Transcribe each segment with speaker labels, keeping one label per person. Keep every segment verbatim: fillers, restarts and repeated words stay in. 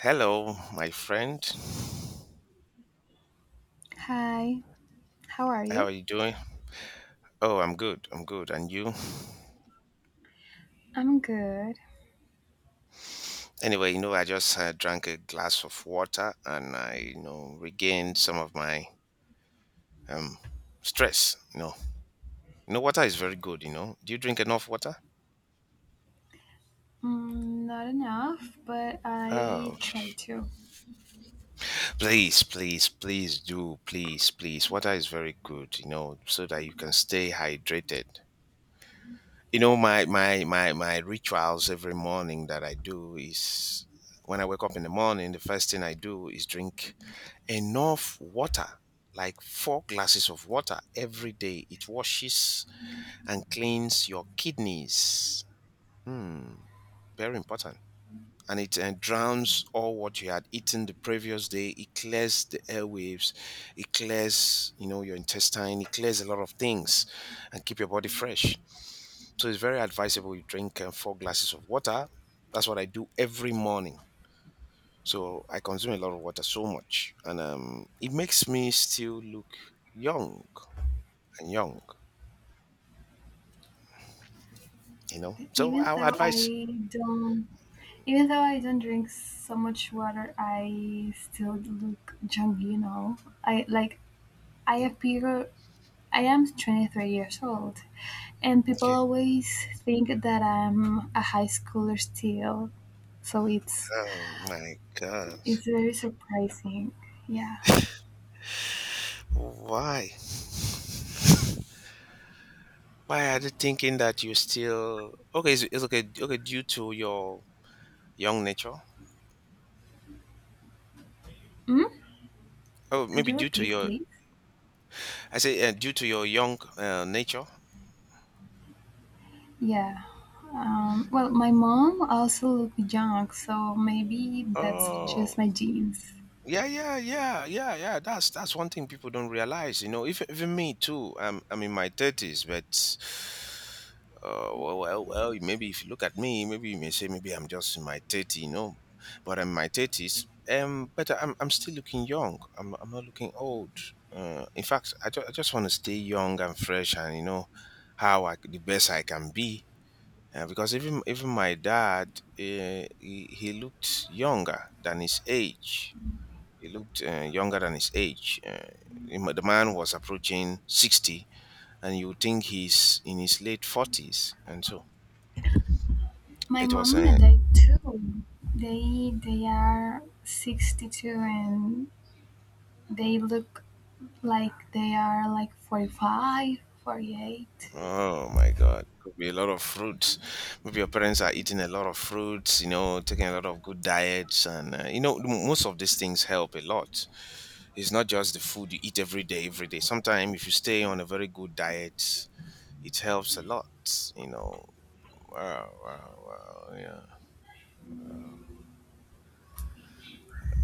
Speaker 1: Hello, my friend.
Speaker 2: Hi, how are
Speaker 1: How
Speaker 2: you?
Speaker 1: are you doing? Oh, I'm good. I'm good. And you?
Speaker 2: I'm good.
Speaker 1: Anyway, you know, I just uh, drank a glass of water and I, you know, regained some of my um stress. You know, you know, water is very good. You know, do you drink enough water?
Speaker 2: Mm, not enough, but I
Speaker 1: Oh,
Speaker 2: try to.
Speaker 1: please, please, please do, please, please. Water is very good. You know, so that you can stay hydrated. You know, my my my my rituals every morning that I do is when I wake up in the morning, the first thing I do is drink enough water, like four glasses of water every day. It washes and cleans your kidneys. Hmm, very important. And it uh, drowns all what you had eaten the previous day. It clears the airwaves. It clears, you know, your intestine. It clears a lot of things, and keep your body fresh. So it's very advisable you drink uh, four glasses of water. That's what I do every morning. So I consume a lot of water so much, and um, it makes me still look young and young, you know. So
Speaker 2: Even
Speaker 1: our
Speaker 2: though
Speaker 1: advice,
Speaker 2: I don't, Even though I don't drink so much water, I still look young. You know, I like I appear. I am twenty-three years old, and people
Speaker 1: okay.
Speaker 2: always think that I'm a high schooler still. So it's
Speaker 1: Oh my God!
Speaker 2: it's very surprising. Yeah.
Speaker 1: Why? Why are they thinking that you're still okay? It's, it's okay. Okay, due to your young nature.
Speaker 2: Mm?
Speaker 1: Oh,
Speaker 2: Could
Speaker 1: maybe
Speaker 2: you
Speaker 1: due to
Speaker 2: repeat,
Speaker 1: your.
Speaker 2: please?
Speaker 1: I say uh, due to your young uh, nature.
Speaker 2: Yeah. Um, well, my mom also looked young, so maybe that's just
Speaker 1: Oh,
Speaker 2: my genes.
Speaker 1: yeah, yeah, yeah, yeah, yeah. That's that's one thing people don't realize. You know, even even me too. I'm I'm in my thirties, but uh, well, well, well. Maybe if you look at me, maybe you may say maybe I'm just in my thirty. You know, but I'm in my thirties. Um, but I'm I'm still looking young. I'm I'm not looking old. Uh, in fact, I, ju- I just want to stay young and fresh, and you know, how I c- the best I can be. Uh, because even even my dad, uh, he, he looked younger than his age he looked uh, younger than his age. Uh, him- the man was approaching sixty, and you would think he's in his late forties. And so
Speaker 2: My
Speaker 1: it was
Speaker 2: mom
Speaker 1: a,
Speaker 2: and I too. They they are sixty two, and they look like they are like forty-five, forty-eight.
Speaker 1: oh my God, it could be a lot of fruits. Maybe your parents are eating a lot of fruits, you know, taking a lot of good diets. And, uh, you know, m- most of these things help a lot. It's not just the food you eat every day, every day. Sometimes if you stay on a very good diet, it helps a lot, you know. Wow, wow, wow, yeah.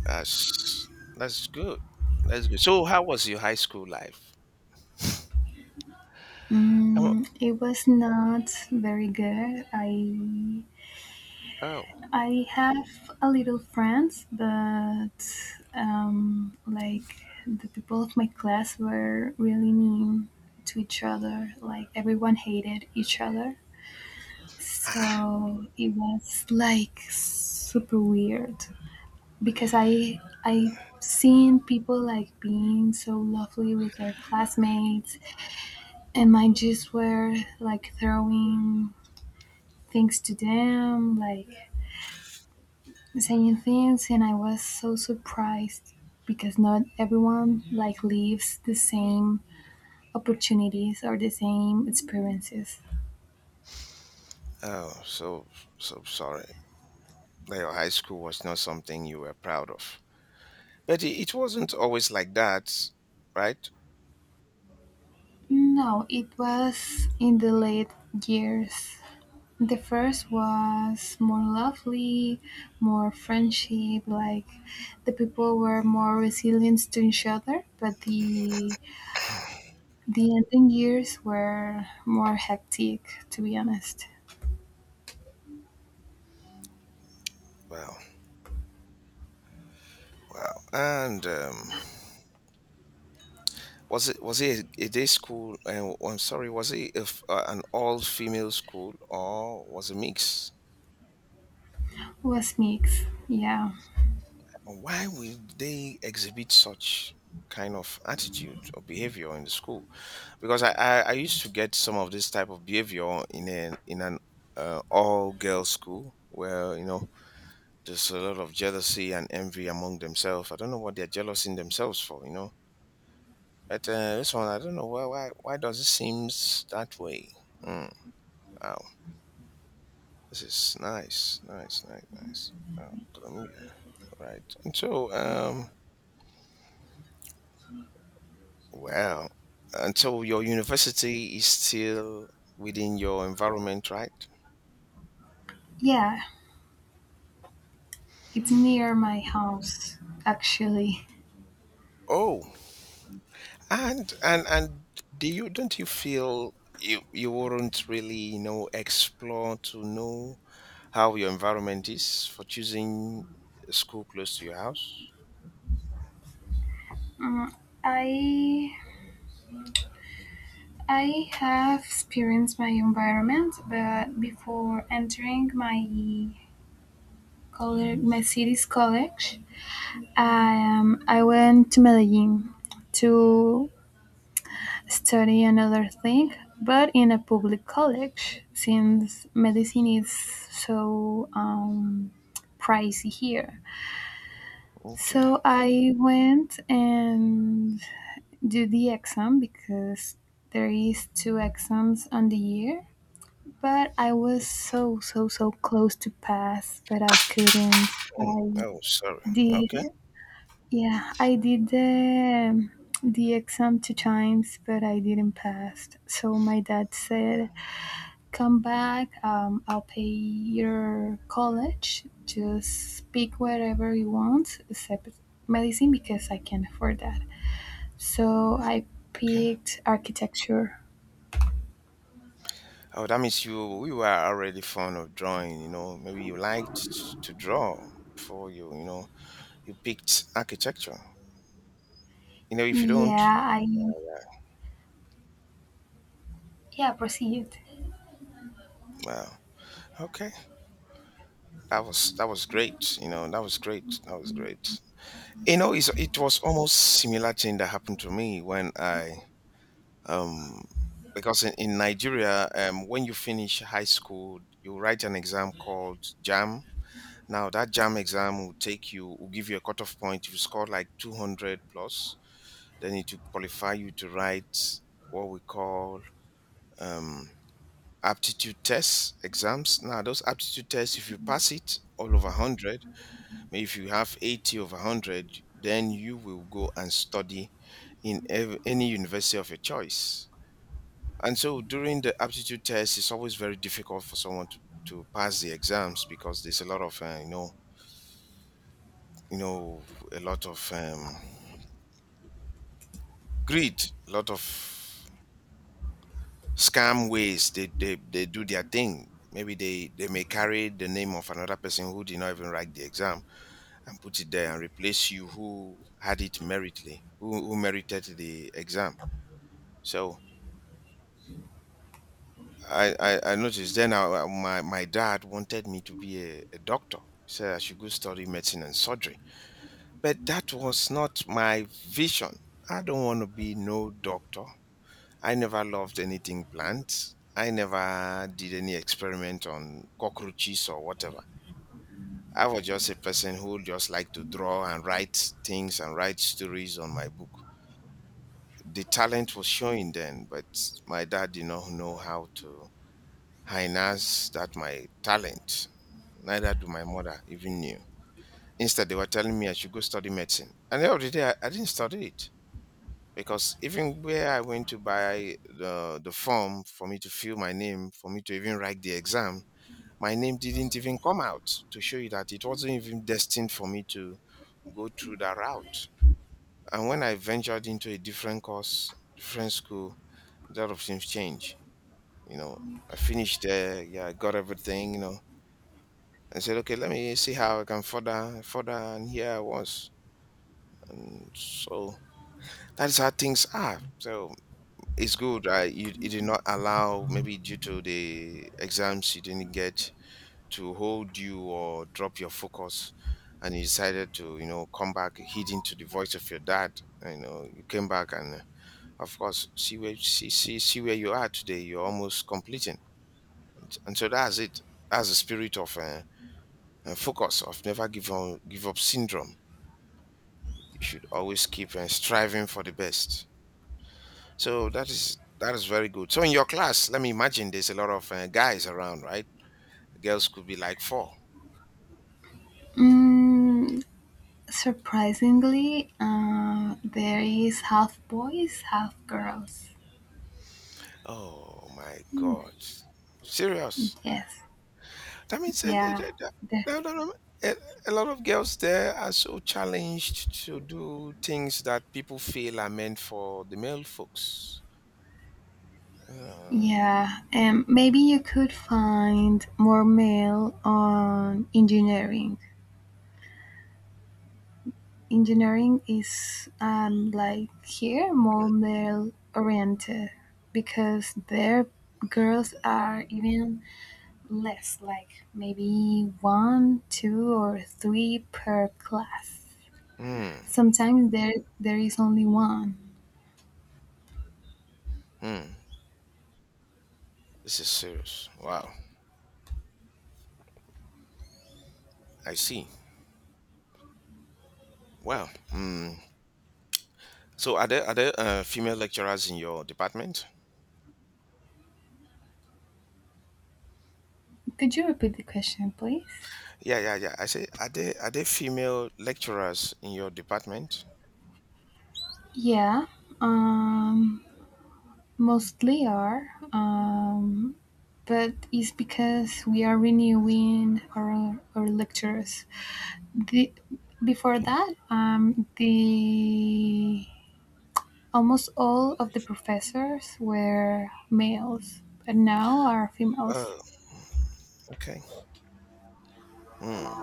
Speaker 1: That's that's good. That's good. So, how was your high school life? Oh,
Speaker 2: Mm, it was not very good. I
Speaker 1: oh,
Speaker 2: I have a little friends, but um, like the people of my class were really mean to each other. Like everyone hated each other. So it was like super weird because I I have seen people like being so lovely with their classmates, and mine just were like throwing things to them, like saying things, and I was so surprised because not everyone like lives the same opportunities or the same experiences.
Speaker 1: oh. So, so sorry that your high school was not something you were proud of. But it, it wasn't always like that, right?
Speaker 2: No, it was in the late years. The first was more lovely, more friendship, like the people were more resilient to each other, but the the ending years were more hectic, to be honest.
Speaker 1: Wow, wow. And um, was it was it a, a day school? And I'm sorry, was it a f uh, an all female school or was it mix?
Speaker 2: Was mixed, yeah.
Speaker 1: Why would they exhibit such kind of attitude or behavior in the school? Because I, I I used to get some of this type of behavior in an in an uh, all girls school where you know there's a lot of jealousy and envy among themselves. I don't know what they're jealous in themselves for, you know. But uh, this one, I don't know why why why does it seems that way? Mm, wow, this is nice, nice, nice, nice. Oh, Colombia, right? And so um, well, until your university is still within your environment, right?
Speaker 2: Yeah, it's near my house, actually.
Speaker 1: Oh, And and and do you don't you feel you you wouldn't really you know explore to know how your environment is for choosing a school close to your house?
Speaker 2: Mm, I I have experienced my environment, but before entering my college, my city's college, um, I went to Medellin to study another thing, but in a public college, since medicine is so um, pricey here.
Speaker 1: Okay.
Speaker 2: So I went and do the exam because there is two exams on the year, but I was so so so close to pass, but I couldn't.
Speaker 1: Oh,
Speaker 2: I
Speaker 1: oh, sorry.
Speaker 2: did.
Speaker 1: Okay.
Speaker 2: Yeah, I did the the exam two times, but I didn't pass, so my dad said, come back, um, I'll pay your college, just pick whatever you want except medicine because I can't afford that. So I
Speaker 1: Okay.
Speaker 2: picked architecture.
Speaker 1: Oh, that means you you were already fond of drawing. You know, maybe you liked to draw before you you know you picked architecture. You know, if you don't,
Speaker 2: Yeah, I yeah, proceed.
Speaker 1: well, okay. That was that was great. You know, that was great. That was great. You know, it's, it was almost similar thing that happened to me when I um because in, in Nigeria, um, when you finish high school, you write an exam called JAM. Now that JAM exam will take you, will give you a cutoff point. If you score like two hundred plus, then it will qualify you to write what we call um, aptitude tests exams. Now those aptitude tests, if you pass it all over one hundred, maybe if you have eighty over one hundred, then you will go and study in ev- any university of your choice. And so during the aptitude test, it's always very difficult for someone to, to pass the exams because there's a lot of, uh, you know, you know, a lot of um, greed, a lot of scam ways they, they, they do their thing. Maybe they, they may carry the name of another person who did not even write the exam and put it there and replace you who had it meritly, who, who merited the exam. So I, I, I noticed then I, I- my, my dad wanted me to be a, a doctor. He said I should go study medicine and surgery. But that was not my vision. I don't want to be no doctor. I never loved anything plants. I never did any experiment on cockroaches or whatever. I was just a person who just liked to draw and write things and write stories on my book. The talent was showing then, but my dad did not know how to harness that my talent. Neither do my mother even knew. Instead, they were telling me I should go study medicine. And at the other day, I, I didn't study it because even where I went to buy the, the form for me to fill my name, for me to even write the exam, my name didn't even come out to show you that it wasn't even destined for me to go through that route. And when I ventured into a different course, different school, a lot of things changed. You know, I finished there, yeah, I got everything, you know, I said, okay, let me see how I can further, further, and here I was. And so that's how things are. So it's good. I you, you did not allow maybe due to the exams you didn't get to hold you or drop your focus, and you decided to you know come back heeding to the voice of your dad. You know you came back and uh, of course see where see see see where you are today. You're almost completing, and, and so that's it. That's the spirit of uh, uh, focus of never give up give up syndrome. You should always keep uh, striving for the best. So that is that is very good. So in your class, let me imagine there's a lot of uh, guys around, right? Girls could be like four.
Speaker 2: Mm, surprisingly, uh, there is half boys, half girls.
Speaker 1: Oh my God, serious?
Speaker 2: Yes,
Speaker 1: That means a,
Speaker 2: yeah, the,
Speaker 1: a, a, a, a lot of girls there are so challenged to do things that people feel are meant for the male folks. Uh,
Speaker 2: yeah. Um, maybe you could find more male on engineering. Engineering is um, like here more male oriented because their girls are even less, like maybe one, two, or three per class.
Speaker 1: mm,
Speaker 2: Sometimes there there is only one.
Speaker 1: mm, this is serious. Wow, I see. Wow. Mm. So are there are there uh, female lecturers in your department?
Speaker 2: Could you repeat the question, please?
Speaker 1: Yeah, yeah, yeah. I say are there are there female lecturers in your department?
Speaker 2: Yeah, um, mostly are, um, but it's because we are renewing our, our lectures. The, Before that, um, the almost all of the professors were males, but now are females.
Speaker 1: Oh, okay. Hmm.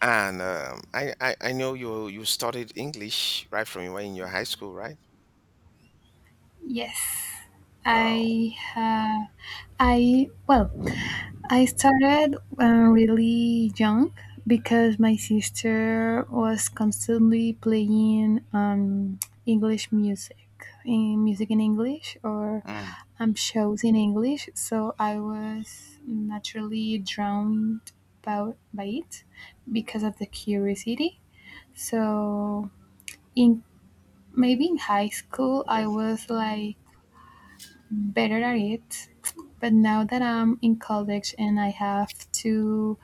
Speaker 1: And um, I, I I know you you studied English right from when in your high school, right?
Speaker 2: Yes,
Speaker 1: Wow.
Speaker 2: I uh, I well, I started uh, really young because my sister was constantly playing um, English music, in music in English, or
Speaker 1: Mm.
Speaker 2: um, shows in English. So I was naturally drowned by, by it because of the curiosity. So in maybe in high school,
Speaker 1: Okay.
Speaker 2: I was like better at it. But now that I'm in college and I have to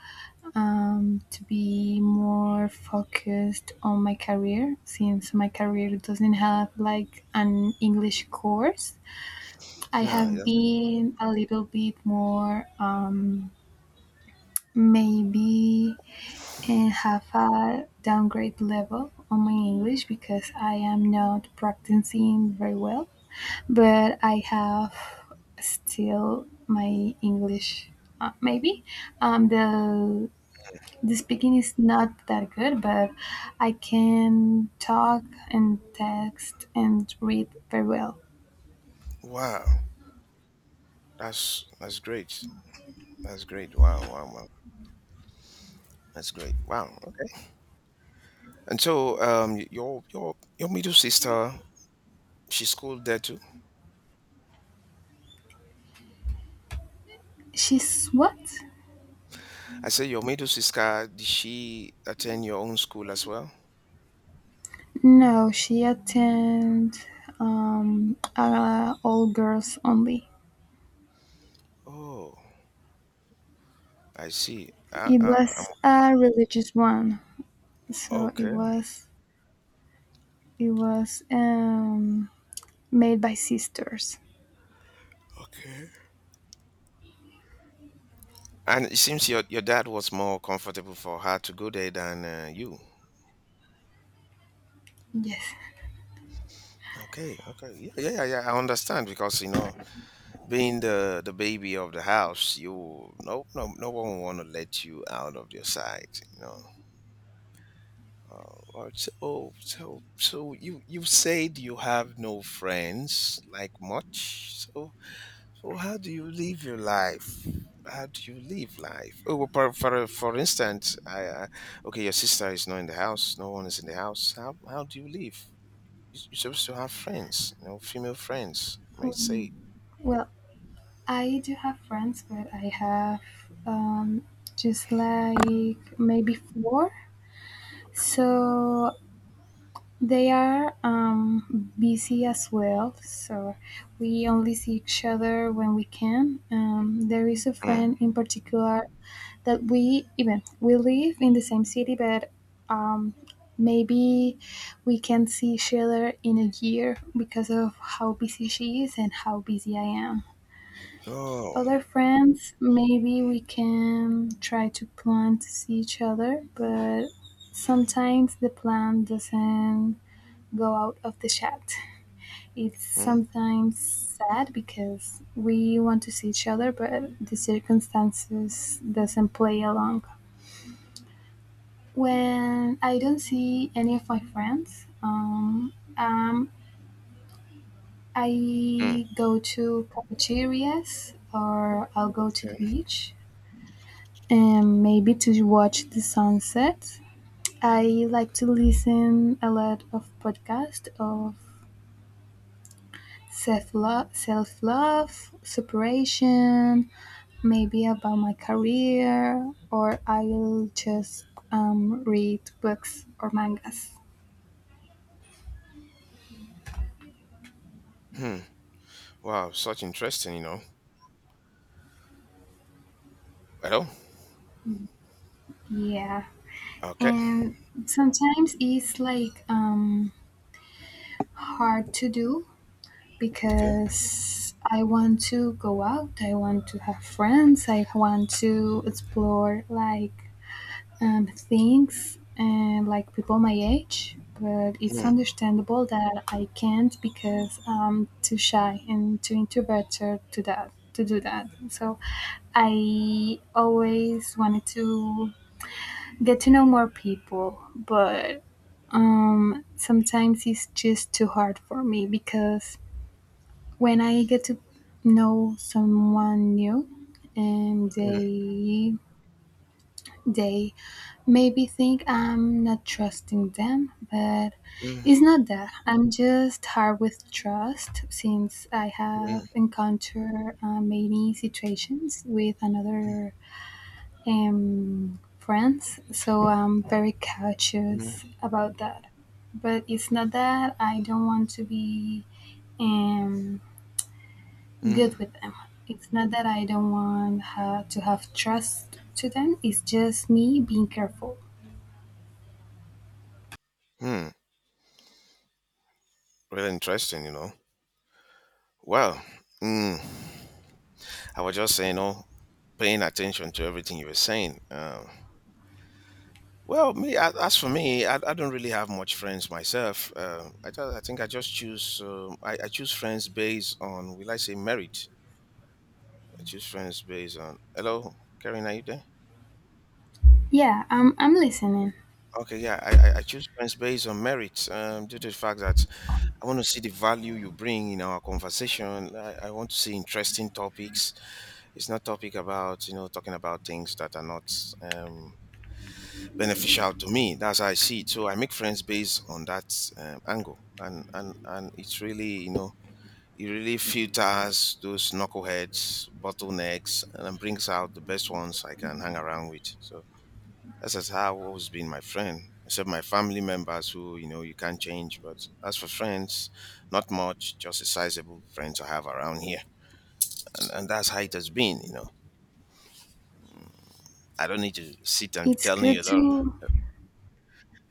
Speaker 2: um, to be more focused on my career, since my career doesn't have like an English course, I
Speaker 1: No.
Speaker 2: have
Speaker 1: That's,
Speaker 2: been a little bit more, um, maybe uh, have a downgrade level on my English because I am not practicing very well, but I have still my English, uh, maybe. Um, the the speaking is not that good, but I can talk and text and read very well.
Speaker 1: wow. That's that's great. That's great. Wow. Wow. Wow. That's great. Wow. Okay. And so um, y- your your your middle sister, she schooled there too.
Speaker 2: She's what?
Speaker 1: I say your middle sister, did she attend your own school as well?
Speaker 2: No, she attend um, uh, all girls only.
Speaker 1: Oh, I see. Uh,
Speaker 2: It
Speaker 1: uh, um,
Speaker 2: was a religious one, so it
Speaker 1: okay.
Speaker 2: was it was um, made by sisters.
Speaker 1: Okay. And it seems your, your dad was more comfortable for her to go there than uh, you.
Speaker 2: Yes.
Speaker 1: Okay, okay. Yeah, yeah, yeah, yeah. I understand because you know, being the the baby of the house, you no no no one will want to let you out of your sight, you know. Uh, or so oh, so so you you said you have no friends like much. So so how do you live your life? How do you live life? Oh, well, for for, for instance, I, I okay, your sister is not in the house. No one is in the house. How how do you live? You- You're supposed to have friends, you know, female friends. Might
Speaker 2: Hmm.
Speaker 1: say,
Speaker 2: Well, I do have friends, but I have um, just like maybe four. So they are um, busy as well. So we only see each other when we can. Um, there is a
Speaker 1: mm.
Speaker 2: friend in particular that we even we live in the same city, but um, maybe we can see each other in a year because of how busy she is and how busy I am.
Speaker 1: Oh,
Speaker 2: Other friends, maybe we can try to plan to see each other, but sometimes the plan doesn't go out of the chat. It's
Speaker 1: mm,
Speaker 2: sometimes sad because we want to see each other, but the circumstances doesn't play along. When I don't see any of my friends, um, um,
Speaker 1: mm,
Speaker 2: I go to cafeterias or I'll go to
Speaker 1: okay,
Speaker 2: the beach and maybe to watch the sunset. I like to listen a lot of podcasts of self love, self love, separation, maybe about my career, or I'll just um, read books or mangas.
Speaker 1: hmm. Wow, such interesting, you know. Well,
Speaker 2: Yeah,
Speaker 1: okay,
Speaker 2: and sometimes it's like um, hard to do
Speaker 1: okay,
Speaker 2: because I want to go out, I want to have friends, I want to explore like um, things and like people my age. But it's
Speaker 1: mm,
Speaker 2: understandable that I can't because I'm too shy and too introverted to that to do that. So I always wanted to get to know more people, but um, sometimes it's just too hard for me because when I get to know someone new and
Speaker 1: mm,
Speaker 2: they they maybe think I'm not trusting them, but
Speaker 1: mm,
Speaker 2: it's not that. I'm just hard with trust since I
Speaker 1: mm,
Speaker 2: have encountered uh, many situations with another um, friends, so I'm very
Speaker 1: mm,
Speaker 2: cautious about that. But it's not that I don't want to be um, good
Speaker 1: mm,
Speaker 2: with them. It's not that I don't want her to have trust to them. It's just me being careful.
Speaker 1: mm. Really interesting, you know. Well, mm, I was just saying, you know, paying attention to everything you were saying. Um, well, me a- as for me, I, I don't really have much friends myself. Um I, ju- I think I just choose um, I, I choose friends based on will I say merit? I choose friends based on hello, Karen, are you there?
Speaker 2: Yeah, I'm I'm listening.
Speaker 1: Okay, yeah, I, I I choose friends based on merit, um, due to the fact that I want to see the value you bring in our conversation. I, I want to see interesting topics. It's not topic about you know talking about things that are not um, beneficial to me. That's how I see it. So I make friends based on that um, angle, and and and it's really you know it really filters those knuckleheads, bottlenecks, and brings out the best ones I can hang around with. So that's just how I've always been my friend, except my family members who you know you can't change. But as for friends, not much, just a sizable friends I have around here, and, and that's how it has been. You know, I don't need to sit and
Speaker 2: It's
Speaker 1: telling
Speaker 2: good
Speaker 1: you a lot. of-
Speaker 2: to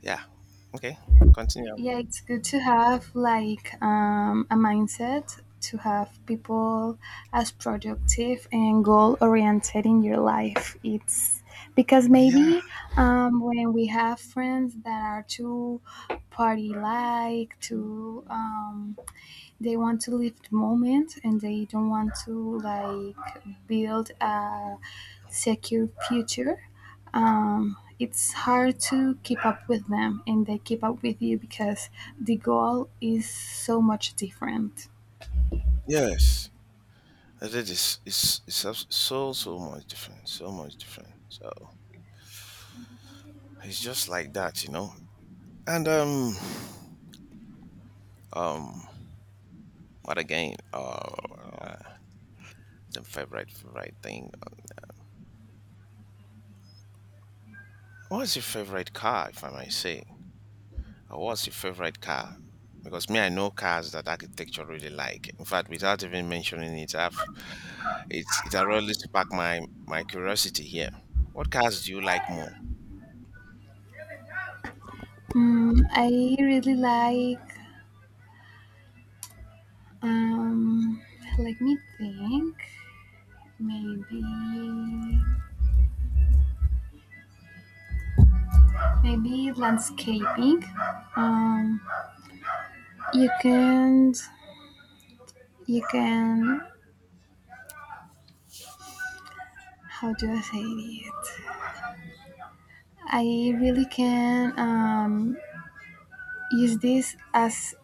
Speaker 1: Yeah. Okay. Continue.
Speaker 2: Yeah, it's good to have like um, a mindset to have people as productive and goal oriented in your life. It's because
Speaker 1: Yeah.
Speaker 2: maybe um, when we have friends that are too party like, too um, they want to live the moment and they don't want to like build a secure future, um, it's hard to keep up with them and they keep up with you because the goal is so much different.
Speaker 1: Yes. I said it's it's it's abs- so so much different, so much different. So it's just like that, you know. And um, um, what again? Uh, uh the favorite favorite thing. uh, What's your favorite car, if I might say? Or what's your favorite car? Because me, I know cars that architecture really like. In fact, without even mentioning it, I've it's it already sparked my my curiosity here. What cars do you like more?
Speaker 2: Mm, I really like um, let me think, maybe maybe landscaping. um, you can you can how do I say it? I really can um, use this as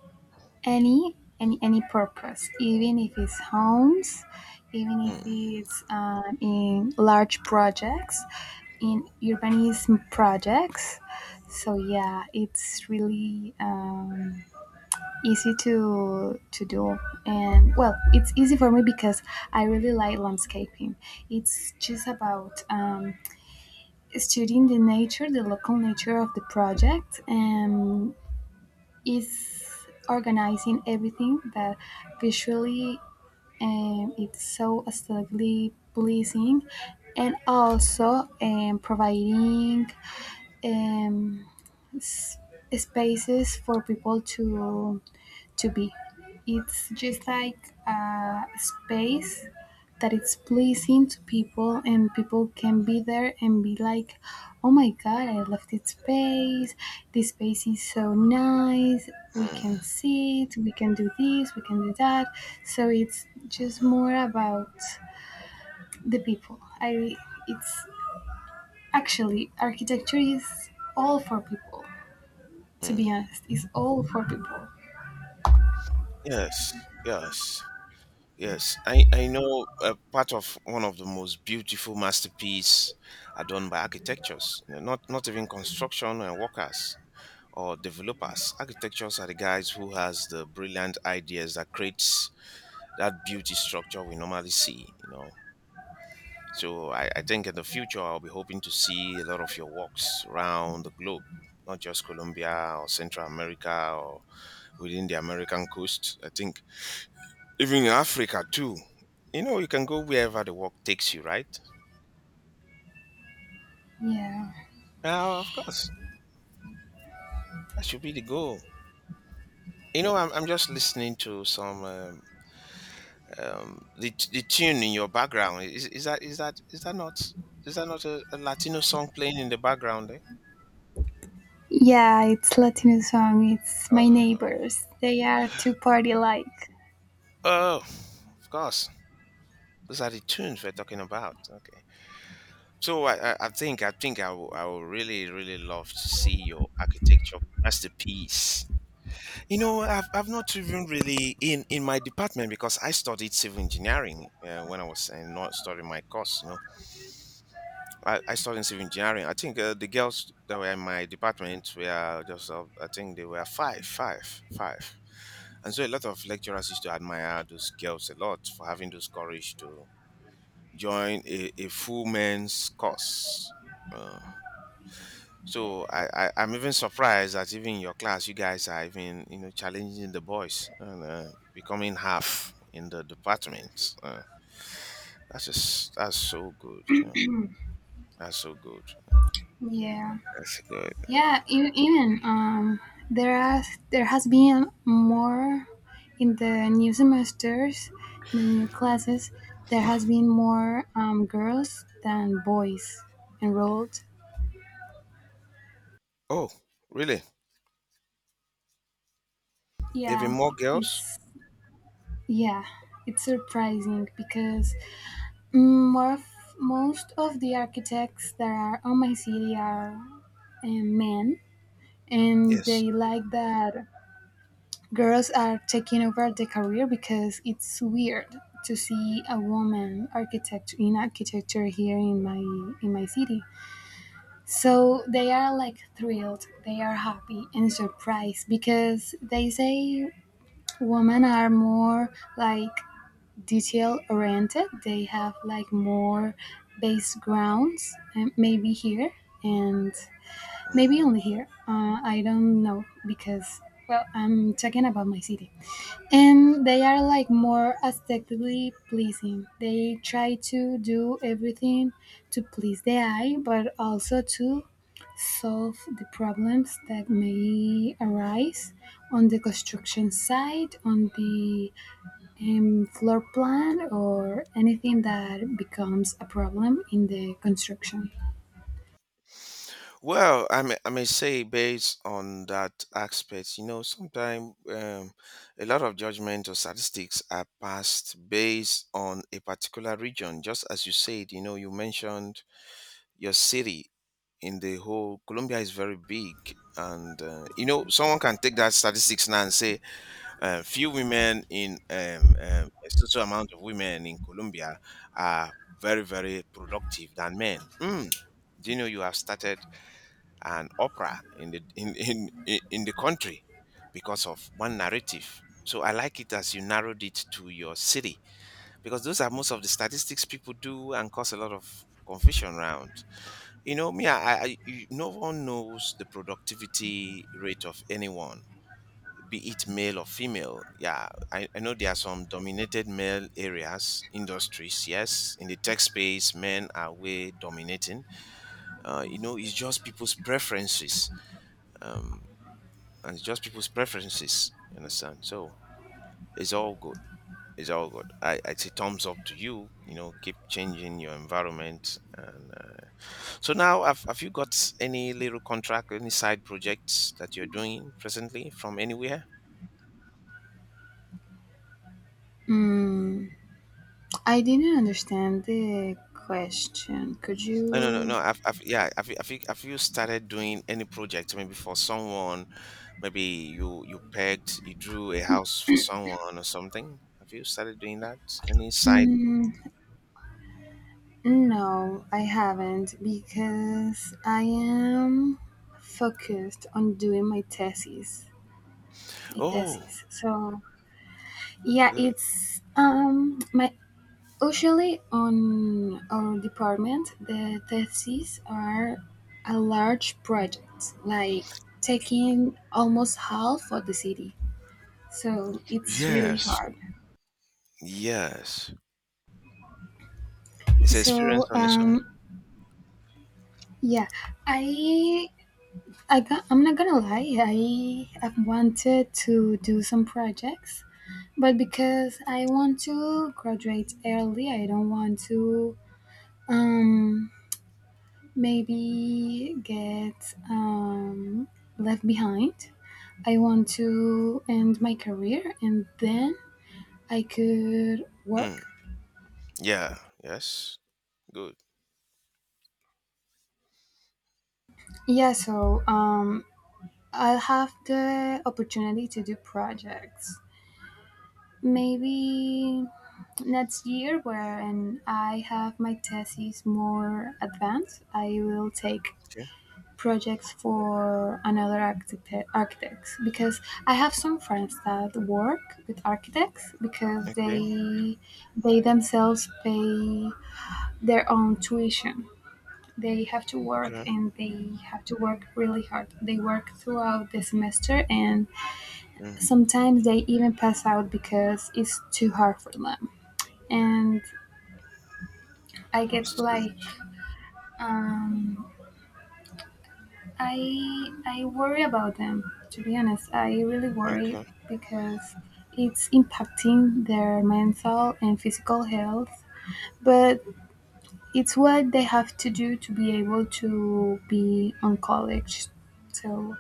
Speaker 2: any any any purpose, even if it's homes, even if
Speaker 1: Mm,
Speaker 2: it's um, in large projects, in urbanism projects. So yeah, it's really um, easy to to do, and well, it's easy for me because I really like landscaping. It's just about um, studying the nature, the local nature of the project, and is organizing everything that visually um, it's so aesthetically pleasing, and also um, providing um, s- spaces for people to to be. It's just like a space that it's pleasing to people, and people can be there and be like, "Oh my God, I love this space. This space is so nice. We
Speaker 1: mm,
Speaker 2: can sit. We can do this. We can do that." So it's just more about the people. I. It's Actually, architecture is all for people. To be
Speaker 1: mm.
Speaker 2: honest, it's all for people.
Speaker 1: Yes, yes. Yes, I, I know uh, part of one of the most beautiful masterpiece are done by architectures, you know, not not even construction and workers or developers. Architectures are the guys who has the brilliant ideas that creates that beauty structure we normally see, you know. So I, I think in the future I'll be hoping to see a lot of your works around the globe, not just Colombia or Central America or within the American coast. I think even in Africa too. You know, you can go wherever the work takes you, right?
Speaker 2: Yeah.
Speaker 1: Uh, of course, that should be the goal. You know, I'm, I'm just listening to some um, um, the t- the tune in your background. Is, is that is that is that not is that not a, a Latino song playing in the background? Eh?
Speaker 2: Yeah, it's Latino song. It's my
Speaker 1: Uh, uh,
Speaker 2: neighbors. They are too party like.
Speaker 1: oh, of course. Those are the tunes we're talking about. Okay, so I, I I think I think I will I will really really love to see your architecture masterpiece. You know, I've, I've not even really in, in my department because I studied civil engineering uh, when I was uh, not studying my course. You know, I, I studied civil engineering. I think uh, the girls that were in my department were just, uh, I think they were five, five, five. And so a lot of lecturers used to admire those girls a lot for having those courage to join a, a full men's course. Uh, So I, I I'm even surprised that even in your class you guys are even you know challenging the boys and uh, becoming half in the department. Uh, that's just that's so good, you know. That's so good.
Speaker 2: Yeah,
Speaker 1: That's good.
Speaker 2: yeah. Even, even um, there are there has been more in the new semesters, in the new classes. There has been more um, girls than boys enrolled.
Speaker 1: Oh, really? There have been
Speaker 2: Yeah,
Speaker 1: more girls?
Speaker 2: it's yeah, it's surprising because more of, most of the architects that are on my city are um, men, and
Speaker 1: Yes.
Speaker 2: they like that girls are taking over the career because it's weird to see a woman architect in architecture here in my in my city, so they are like thrilled, they are happy and surprised because they say women are more like detail oriented, they have like more base grounds, uh, maybe here. And
Speaker 1: Mm.
Speaker 2: maybe only here. Uh, I don't know because, well, I'm talking about my city. And they are like more aesthetically pleasing. They try to do everything to please the eye, but also to solve the problems that may arise on the construction site, on the um, floor plan, or anything that becomes a problem in the construction.
Speaker 1: Well, I may, I may say based on that aspect, you know, sometimes um, a lot of judgment or statistics are passed based on a particular region. Just as you said, you know, you mentioned your city in the whole Colombia is very big. And uh, you know, someone can take that statistics now and say, uh, few women in um, um, a certain amount of women in Colombia are very, very productive than men. Mm, do you know you have started an opera in the in in in in the country because of one narrative? So I like it as you narrowed it to your city because those are most of the statistics people do and cause a lot of confusion around. You know, me, I, I, you, no one knows the productivity rate of anyone, be it male or female. Yeah, I, I know there are some dominated male areas, industries. Yes, in the tech space, men are way dominating. Uh, you know, it's just people's preferences. Um, and it's just people's preferences. You understand? So it's all good. It's all good. I, I say thumbs up to you. You know, keep changing your environment and uh, so now, have, have you got any little contract, any side projects that you're doing presently from anywhere?
Speaker 2: Mm, I didn't understand the question. Could
Speaker 1: No, no, no, no.
Speaker 2: you?
Speaker 1: I've, I've, yeah, have you, have you, have you started doing any project? Maybe for someone, maybe you you pegged, you drew a house for someone or something. Have you started doing that? Any side?
Speaker 2: Mm, no, I haven't because I am focused on doing my thesis. My
Speaker 1: Oh,
Speaker 2: thesis. So yeah,
Speaker 1: good.
Speaker 2: it's um my usually on our department the theses are a large project like taking almost half of the city. So it's really
Speaker 1: Yes,
Speaker 2: hard.
Speaker 1: yes. It's an experience
Speaker 2: So
Speaker 1: on its own.
Speaker 2: um, Yeah, I, I go- I'm not gonna lie. I have wanted to do some projects, but because I want to graduate early, I don't want to um, maybe get um, left behind. I want to end my career and then I could work.
Speaker 1: Mm. Yeah. Yes. Good.
Speaker 2: Yeah, so um, I'll have the opportunity to do projects. Maybe next year when I have my thesis more advanced, I will take
Speaker 1: Okay.
Speaker 2: projects for another archite- architects because I have some friends that work with architects because
Speaker 1: Okay.
Speaker 2: they they themselves pay their own tuition. They have to work
Speaker 1: Okay.
Speaker 2: and they have to work really hard. They work throughout the semester and
Speaker 1: Mm.
Speaker 2: sometimes they even pass out because it's too hard for them. And I
Speaker 1: It's
Speaker 2: get
Speaker 1: too
Speaker 2: like
Speaker 1: much.
Speaker 2: Um, I I worry about them. To be honest, I really worry
Speaker 1: Okay.
Speaker 2: because it's impacting their mental and physical health. But it's what they have to do to be able to be on college. So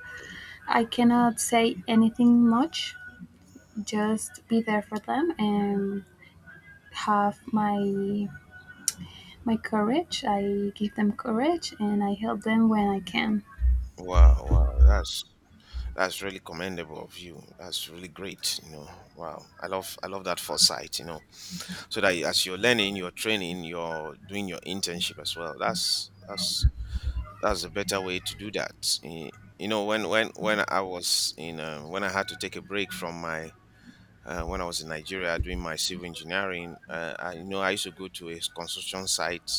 Speaker 2: I cannot say anything much. Just be there for them and have my my courage. I give them courage and I help them when I can.
Speaker 1: Wow. Wow. That's That's really commendable of you. That's really great. You know, wow. I love I love that foresight. You know, so that as you're learning, you're training, you're doing your internship as well. That's that's that's a better way to do that. Eh, you know, when when when I was in uh, when I had to take a break from my uh, when I was in Nigeria doing my civil engineering, uh, I you know I used to go to a construction site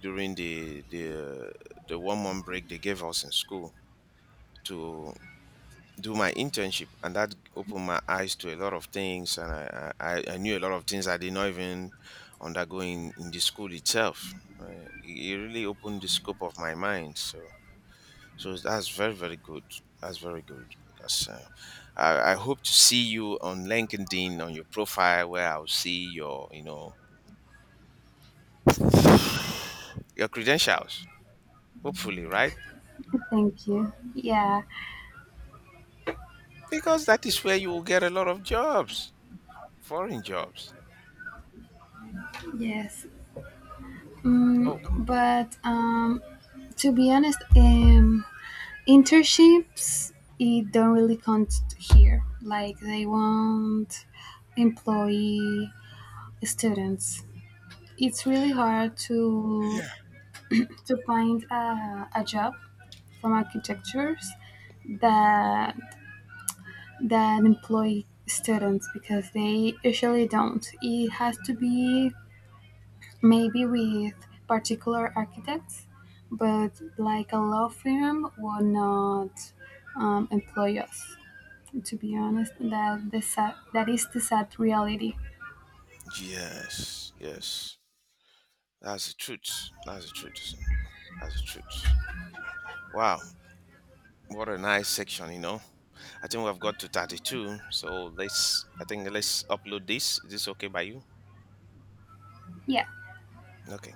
Speaker 1: during the the the one month break they gave us in school to do my internship, and that opened my eyes to a lot of things, and I, I, I I knew a lot of things I did not even undergo in, in the school itself. Uh, it it really opened the scope of my mind. So so that's very, very good. That's very good. Because uh, I, I hope to see you on LinkedIn on your profile where I'll see your, you know, your credentials. Hopefully, right?
Speaker 2: Thank you. Yeah.
Speaker 1: Because that is where you will get a lot of jobs, foreign jobs.
Speaker 2: Yes.
Speaker 1: Oh,
Speaker 2: Mm, but um, to be honest, um, internships it don't really count here. Like they won't employ students. It's really hard to
Speaker 1: yeah.
Speaker 2: to find a, a job from architectures that that employ students because they usually don't. It has to be maybe with particular architects, but like a law firm will not um, employ us. To be honest, that the sad, that is the sad reality.
Speaker 1: Yes, yes. That's the truth. That's the truth. That's the truth. Wow, what a nice section, you know. I think we've got to thirty-two, so let's I think let's upload this. Is this okay by you?
Speaker 2: Yeah.
Speaker 1: Okay.